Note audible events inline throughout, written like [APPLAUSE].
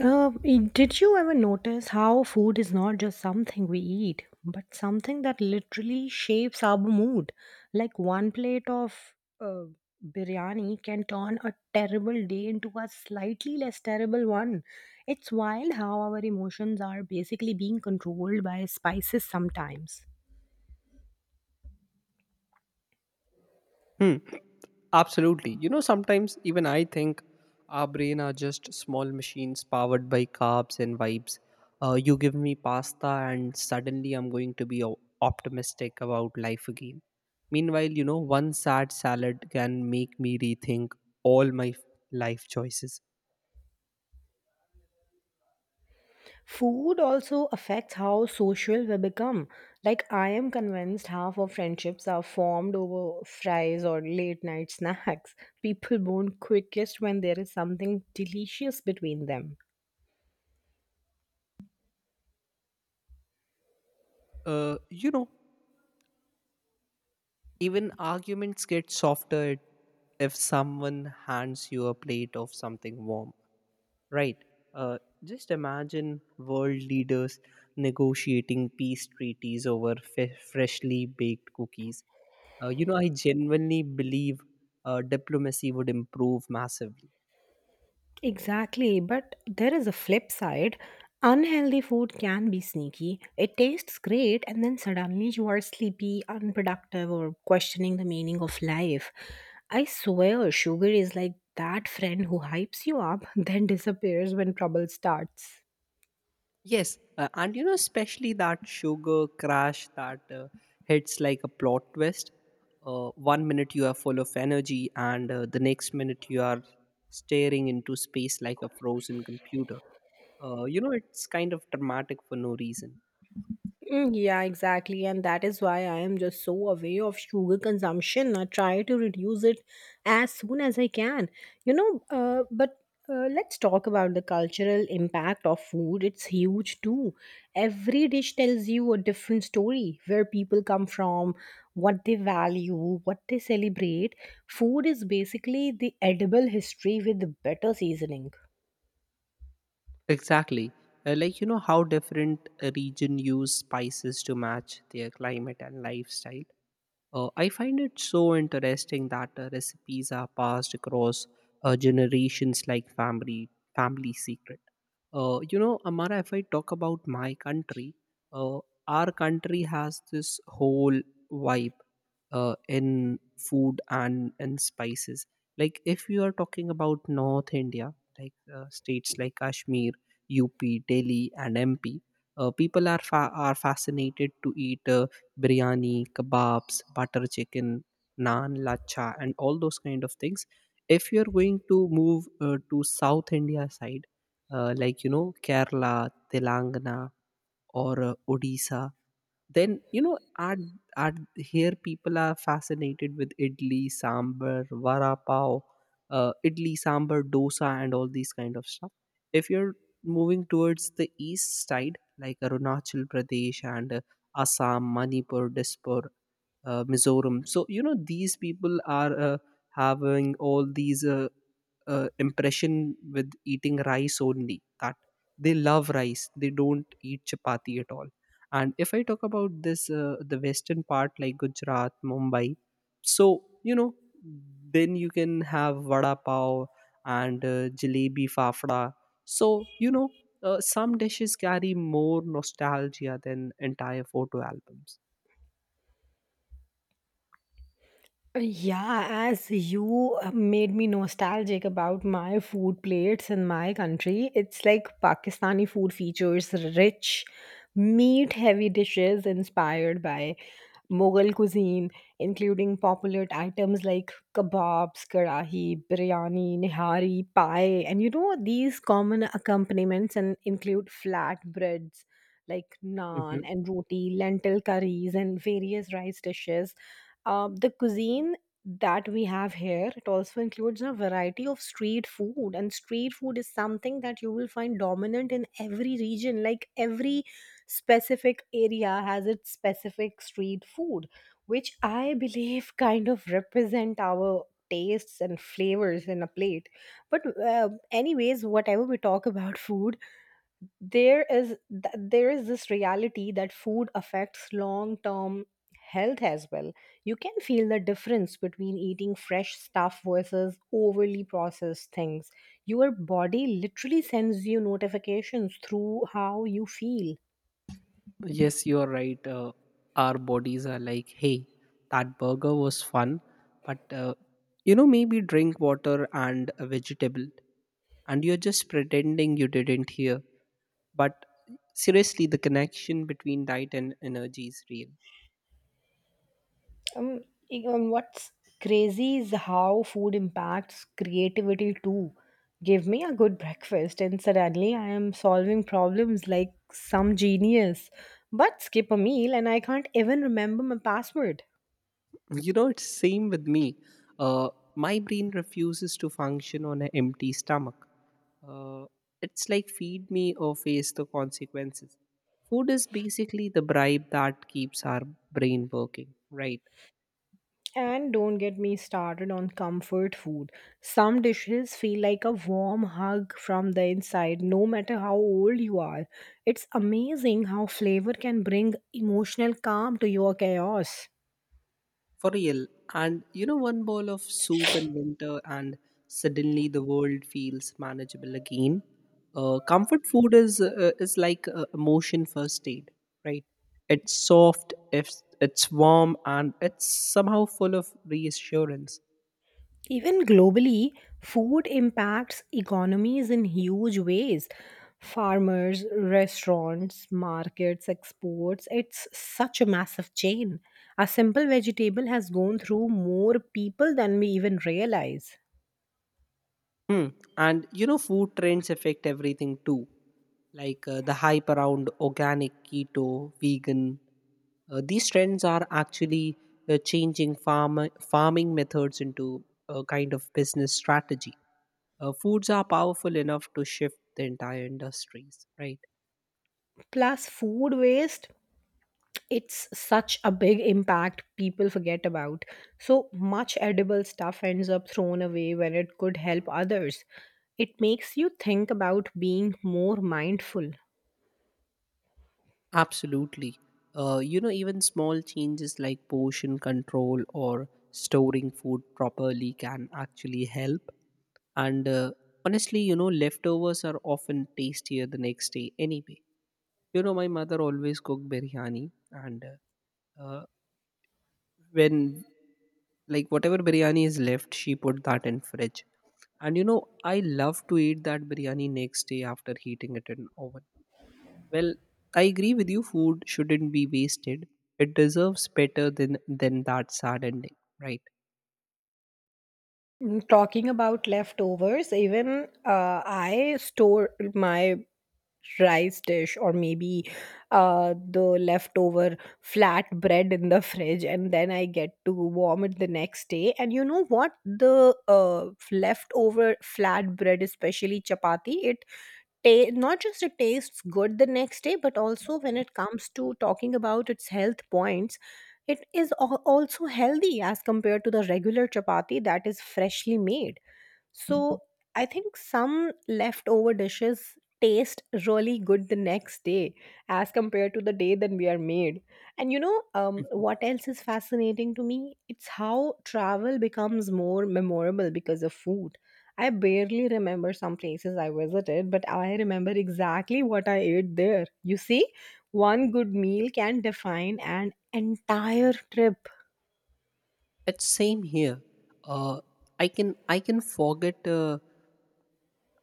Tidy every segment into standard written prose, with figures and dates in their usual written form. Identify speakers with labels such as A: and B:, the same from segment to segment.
A: Did you ever notice how food is not just something we eat, but something that literally shapes our mood? Like one plate of uh, biryani can turn a terrible day into a slightly less terrible one. It's wild how our emotions are basically being controlled by spices sometimes.
B: Hmm. Absolutely. You know, sometimes even I think our brain are just small machines powered by carbs and vibes. You give me pasta, and suddenly I'm going to be optimistic about life again. Meanwhile, one sad salad can make me rethink all my life choices.
A: Food also affects how social we become. Like, I am convinced half of friendships are formed over fries or late night snacks. People bond quickest when there is something delicious between them.
B: Uh, you know, even arguments get softer if someone hands you a plate of something warm. Right. Uh, just imagine world leaders negotiating peace treaties over freshly baked cookies. I genuinely believe diplomacy would improve massively.
A: Exactly, but there is a flip side. Unhealthy food can be sneaky. It tastes great, and then suddenly you are sleepy, unproductive, or questioning the meaning of life. I swear, sugar is like that friend who hypes you up, [LAUGHS] then disappears when trouble starts.
B: Yes, and especially that sugar crash that hits like a plot twist. 1 minute you are full of energy, and the next minute you are staring into space like a frozen computer. It's kind of dramatic for no reason.
A: Mm, yeah, exactly. And that is why I am just so aware of sugar consumption. I try to reduce it as soon as I can. You know, but Let's talk about the cultural impact of food. It's huge too. Every dish tells you a different story where people come from, what they value, what they celebrate. Food is basically the edible history with better seasoning.
B: Exactly. How different region use spices to match their climate and lifestyle. I find it so interesting that recipes are passed across generations like family secret. Amara, if I talk about my country, uh, our country has this whole vibe in food and in spices. Like if you are talking about North India, like states like Kashmir, UP, Delhi, and MP, people are fascinated to eat biryani, kebabs, butter chicken, naan, lacha, and all those kind of things. If you are going to move to South India side, like Kerala, Telangana, or Odisha. Then at here people are fascinated with idli sambar, vada pav, idli sambar, dosa, and all these kind of stuff. If you're moving towards the east side, like Arunachal Pradesh and Assam, Manipur, Dispur, Mizoram. So these people are having all these impression with eating rice only. That, they love rice. They don't eat chapati at all. And if I talk about this the western part, like Gujarat, Mumbai, so you know then you can have vada pav and jalebi fafda. So you know some dishes carry more nostalgia than entire photo albums.
A: Yeah, as you made me nostalgic about my food plates in my country, it's like Pakistani food features rich, meat heavy dishes inspired by Mughal cuisine, including popular items like kebabs, karahi, biryani, nihari, pie, and you know, these common accompaniments and include flatbreads like naan
B: Hmm.
A: and roti, lentil curries, and various rice dishes. The cuisine that we have here, it also includes a variety of street food, and street food is something that you will find dominant in every region. Like every specific area has its specific street food, which I believe kind of represent our tastes and flavors in a plate. But anyways, whatever we talk about [LAUGHS] food, there is this reality that food affects long term health as well. You can feel the difference between eating fresh stuff versus overly processed things. Your body literally sends you notifications through how you feel.
B: Yes, you are right. Our bodies are like, hey, that burger was fun, but maybe drink water and a vegetable, and you're just pretending you didn't hear. But seriously, the connection between diet and energy is real.
A: Um, what's crazy is how food impacts creativity too. Give me a good breakfast, and suddenly I am solving problems like some genius. But skip a meal, and I can't even remember my password.
B: It's same with me. Uh, my brain refuses to function on an empty stomach. Uh, it's like feed me or face the consequences. Food is basically the bribe that keeps our brain working, right?
A: And don't get me started on comfort food. Some dishes feel like a warm hug from the inside, no matter how old you are. It's amazing how flavor can bring emotional calm to your chaos.
B: For real. And one bowl of soup in winter, and suddenly the world feels manageable again. Comfort food is like emotion first aid, right? It's soft, it's warm, and it's somehow full of reassurance.
A: Even globally, food impacts economies in huge ways. Farmers, restaurants, markets, exports, it's such a massive chain. A simple vegetable has gone through more people than we even realize.
B: Hmm. And food trends affect everything too. Like the hype around organic, keto, vegan. These trends are actually changing farming methods into a kind of business strategy. Foods are powerful enough to shift the entire industries, right?
A: Plus, food waste, it's such a big impact people forget about. So much edible stuff ends up thrown away when it could help others. It makes you think about being more mindful.
B: Absolutely. Even small changes like portion control or storing food properly can actually help. And honestly, leftovers are often tastier the next day anyway. You know, my mother always cooked biryani, and uh, uh, when like whatever biryani is left, she put that in fridge. And I love to eat that biryani next day after heating it in oven. Well, I agree with you. Food shouldn't be wasted. It deserves better than that sad ending, right?
A: Mm, talking about leftovers, even I store my rice dish, or maybe the leftover flat bread, in the fridge, and then I get to warm it the next day. And you know what? The leftover flat bread, especially chapati, not just it tastes good the next day, but also when it comes to talking about its health points, it is also healthy as compared to the regular chapati that is freshly made. So I think some leftover dishes taste really good the next day as compared to the day that we are made. And you know,
B: Mhm.
A: what else is fascinating to me? It's how travel becomes more memorable because of food. I barely remember some places I visited, but I remember exactly what I ate there. You see, one good meal can define an entire trip.
B: It's same here. Uh, I can I can forget uh,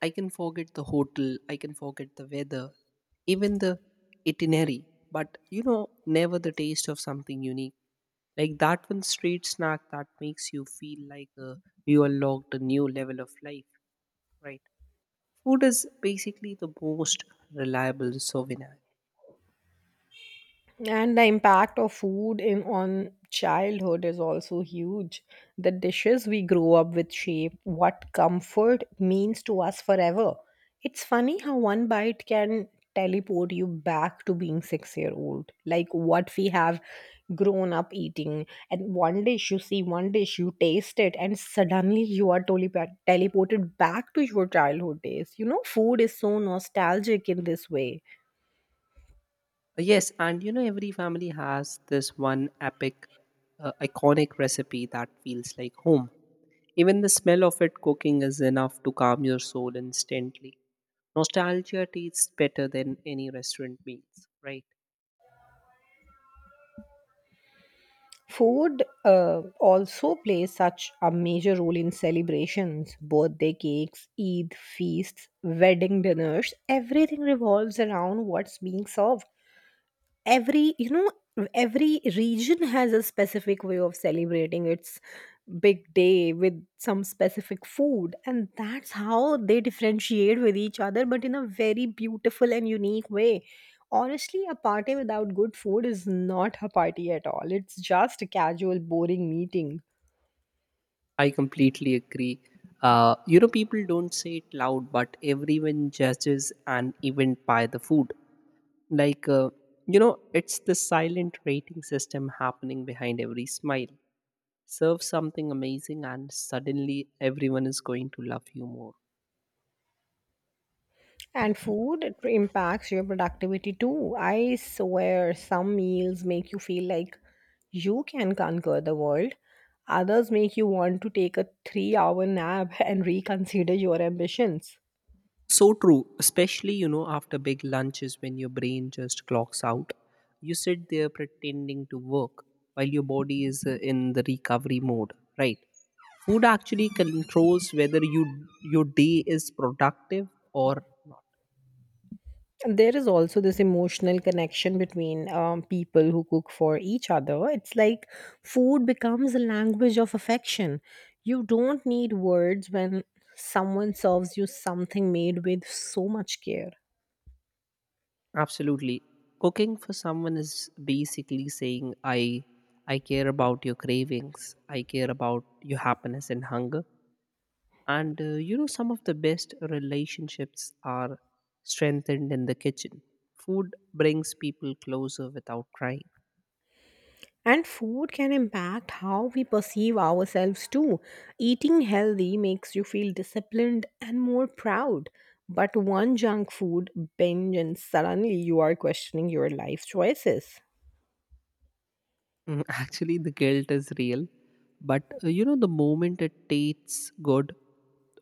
B: I can forget the hotel. I can forget the weather, even the itinerary. But never the taste of something unique. Like that one street snack that makes you feel like you unlocked a new level of life, right? Food is basically the most reliable souvenir.
A: And the impact of food in on childhood is also huge. The dishes we grow up with shape what comfort means to us forever. It's funny how one bite can teleport you back to being 6-year-old. Like what we have grown up eating, and one dish you see, one dish you taste it, and suddenly you are totally teleported back to your childhood days. You know, food is so nostalgic in this way.
B: Yes, and every family has this one epic, iconic recipe that feels like home. Even the smell of it cooking is enough to calm your soul instantly. Nostalgia tastes better than any restaurant meals, right?
A: Food also plays such a major role in celebrations. Birthday cakes, Eid feasts, wedding dinners. Everything revolves around what's being served. Every, you know, every region has a specific way of celebrating its big day with some specific food, and that's how they differentiate with each other, but in a very beautiful and unique way. Honestly, a party without good food is not a party at all. It's just a casual boring meeting.
B: I completely agree. People don't say it loud, but everyone judges an event by the food. Like, it's the silent rating system happening behind every smile. Serve something amazing, and suddenly everyone is going to love you more.
A: And food, it impacts your productivity too. I swear some meals make you feel like you can conquer the world. Others make you want to take a 3-hour nap [LAUGHS] and reconsider your ambitions.
B: So true, especially after big lunches when your brain just clocks out. You sit there pretending to work while your body is in the recovery mode, right? Food actually controls whether your day is productive or not.
A: And there is also this emotional connection between people who cook for each other. It's like food becomes a language of affection. You don't need words when someone serves you something made with so much care.
B: Absolutely. Cooking for someone is basically saying, I care about your cravings, I care about your happiness and hunger. And some of the best relationships are strengthened in the kitchen. Food brings people closer without trying.
A: And food can impact how we perceive ourselves too. Eating healthy makes you feel disciplined and more proud. But one junk food binge, and suddenly you are questioning your life choices.
B: Mm. [LAUGHS] Actually, the guilt is real, but the moment it tastes good,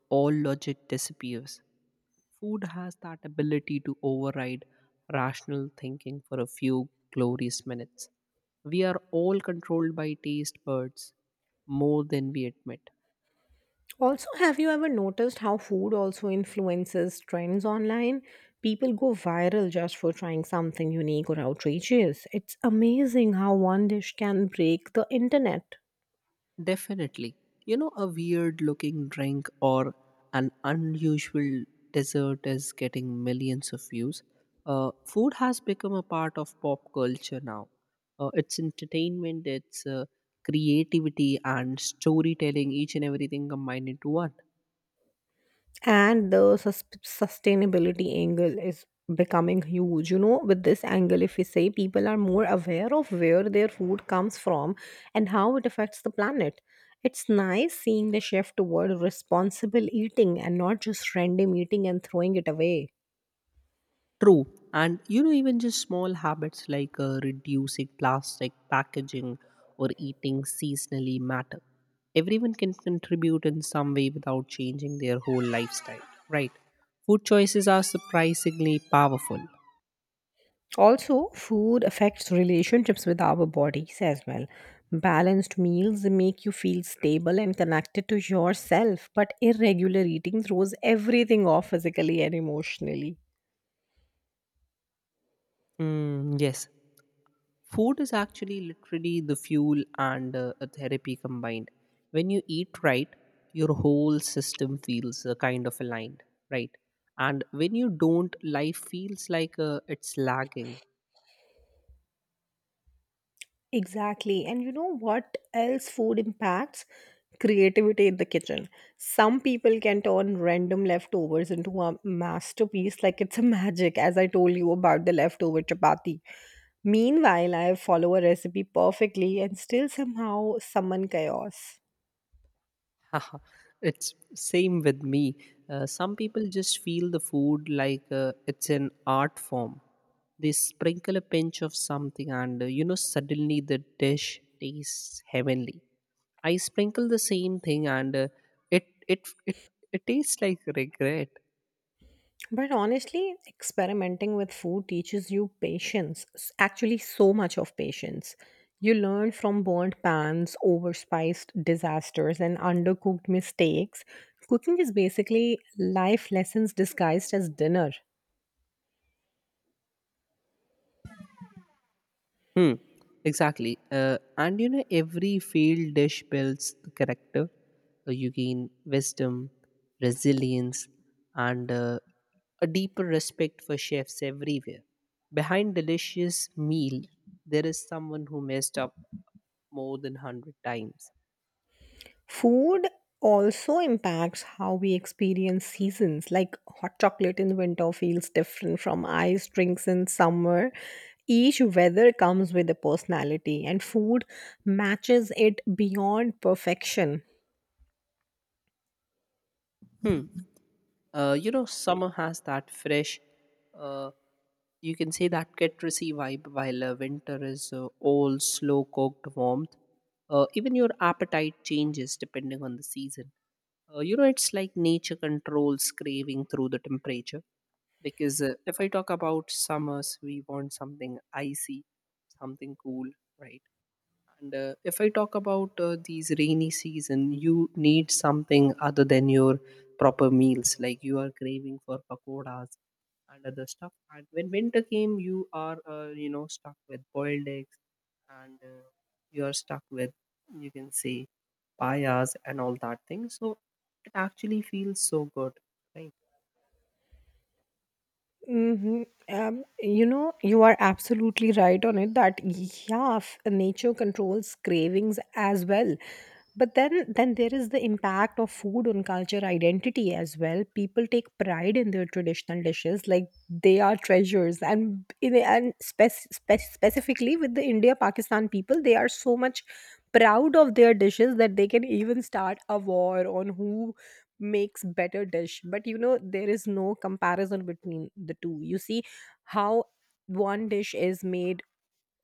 B: all logic disappears. Food has that ability to override rational thinking for a few glorious minutes. We are all controlled by taste buds more than we admit.
A: Also, have you ever noticed how food also influences trends online? People go viral just for trying something unique or outrageous. It's amazing how one dish can break the internet.
B: Definitely. A weird looking drink or an unusual dessert is getting millions of views. Food has become a part of pop culture now. It's entertainment, it's creativity, and storytelling, each and everything combined into one.
A: And sustainability angle is becoming huge. You know, with this angle, if we say people are more aware of where their food comes from and how it affects the planet, it's nice seeing the shift toward responsible eating and not just random eating and throwing it away.
B: True. And even just small habits like reducing plastic packaging or eating seasonally matter. Everyone can contribute in some way without changing their whole lifestyle, right? Food choices are surprisingly powerful.
A: Also, food affects relationships with our bodies as well. Balanced meals make you feel stable and connected to yourself, but irregular eating throws everything off physically and emotionally.
B: Mm, yes. Food is actually literally the fuel and a therapy combined. When you eat right, your whole system feels kind of aligned, right? And when you don't, life feels like it's lagging.
A: Exactly. And you know what else food impacts? Creativity in the kitchen. Some people can turn random leftovers into a masterpiece, like it's a magic, as I told you about the leftover chapati. Meanwhile, I follow a recipe perfectly and still somehow summon chaos.
B: [LAUGHS] It's same with me. Some people just feel the food like it's an art form. They sprinkle a pinch of something, and suddenly the dish tastes heavenly. I sprinkle the same thing, and it it it it tastes like regret.
A: But honestly, experimenting with food teaches you patience, actually, so much of patience. You learn from burnt pans, overspiced disasters, and undercooked mistakes. Cooking is basically life lessons disguised as dinner.
B: Hmm. Exactly. And every failed dish builds the character. You gain wisdom, resilience, and a deeper respect for chefs everywhere. Behind delicious meal, there is someone who messed up more than 100 times.
A: Food also impacts how we experience seasons, like hot chocolate in winter feels different from iced drinks in summer. Each weather comes with a personality, and food matches it beyond perfection.
B: Hmm. Summer has that fresh, uh, you can say, that citrusy vibe, while winter is old, slow cooked warmth. Even your appetite changes depending on the season. It's like nature controls craving through the temperature. Because if I talk about summers, we want something icy, something cool, right? And if I talk about these rainy season, you need something other than your proper meals. Like you are craving for pakoras and other stuff. And when winter came, you are stuck with boiled eggs and you are stuck with, you can say, payas and all that thing. So it actually feels so good, right?
A: Mm-hmm. You know, you are absolutely right on it that yeah, nature controls cravings as well. But then there is the impact of food on culture identity as well. People take pride in their traditional dishes like they are treasures, and in, and specifically with the India Pakistan people, they are so much proud of their dishes that they can even start a war on who makes better dish. But you know, there is no comparison between the two. You see how one dish is made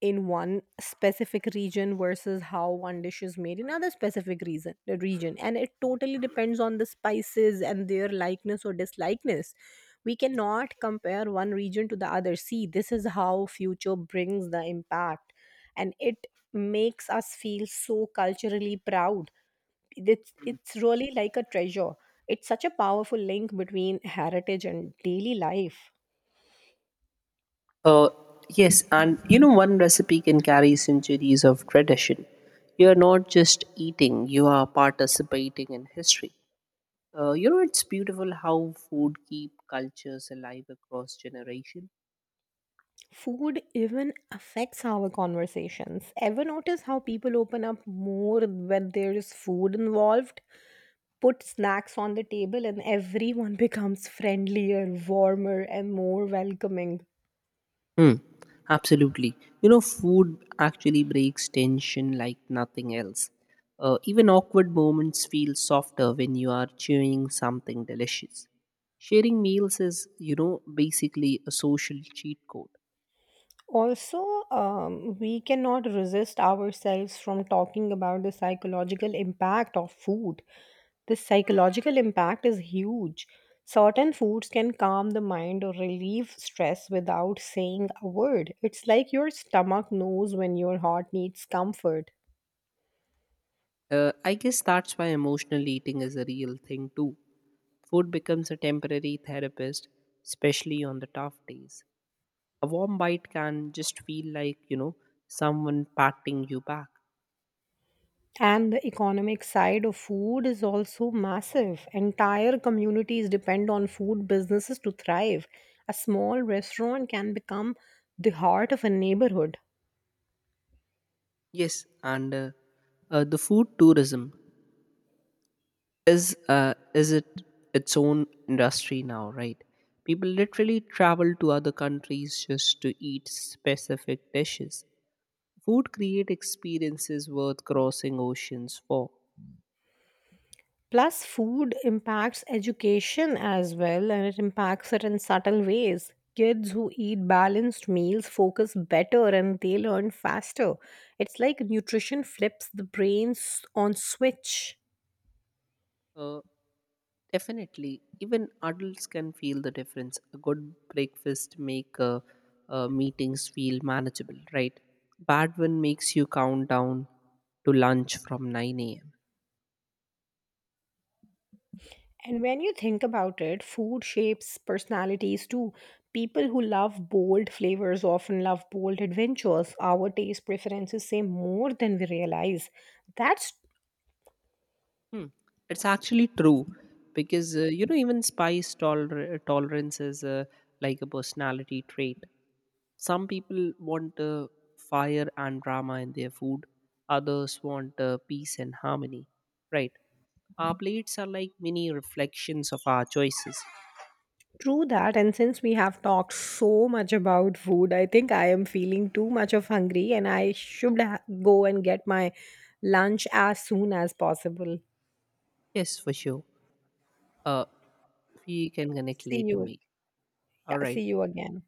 A: in one specific region versus how one dish is made in other specific reason, the region, and it totally depends on the spices and their likeness or dislikeness. We cannot compare one region to the other. See, this is how future brings the impact, and it makes us feel so culturally proud. It's really like a treasure. It's such a powerful link between heritage and daily life.
B: Uh, yes, and one recipe can carry centuries of tradition. You are not just eating; you are participating in history. It's beautiful how food keep cultures alive across generation.
A: Food even affects our conversations. Ever notice how people open up more when there is food involved? Put snacks on the table and everyone [LAUGHS] becomes friendlier, warmer, and more welcoming.
B: Hmm, absolutely. Food actually breaks tension like nothing else. Even awkward moments feel softer when you are chewing something delicious. Sharing meals is basically a social cheat code.
A: Also, we cannot resist ourselves from talking about the psychological impact of food. The psychological impact is huge. Certain foods can calm the mind or relieve stress without saying a word. It's like your stomach knows when your heart needs comfort.
B: I guess that's why emotional eating is a real thing too. Food becomes a temporary therapist, especially on the tough days. A warm bite can just feel like someone patting you back.
A: And the economic side of food is also massive. Entire communities depend on food businesses to thrive. A small restaurant can become the heart of a neighborhood.
B: Yes, and the food tourism is it its own industry now, right? People literally travel to other countries just to eat specific dishes. Food create experiences worth crossing oceans for.
A: Plus, food impacts education as well, and it impacts it in subtle ways. Kids who eat balanced meals focus better and they learn faster. It's like nutrition flips the brains on switch.
B: Uh, Definitely, even adults can feel the difference. A good breakfast make meetings feel manageable, right? Bad one makes you count down to lunch from 9 a.m.
A: And when you think about it, food shapes personalities too. People who love bold flavors often love bold adventures. Our taste preferences say more than we realize. That's
B: Hmm. It's actually true because even spice tolerance is like a personality trait. Some people want fire and drama in their food. Others want peace and harmony. Right. Our plates are like mini reflections of our choices.
A: true that. And since we have talked so much about food, I think I am feeling too much of hungry and I should go and get my lunch as soon as possible.
B: Yes, for sure. Uh, we can connect
A: See
B: later,
A: you.
B: mate. All
A: Yeah, see
B: right.
A: you again.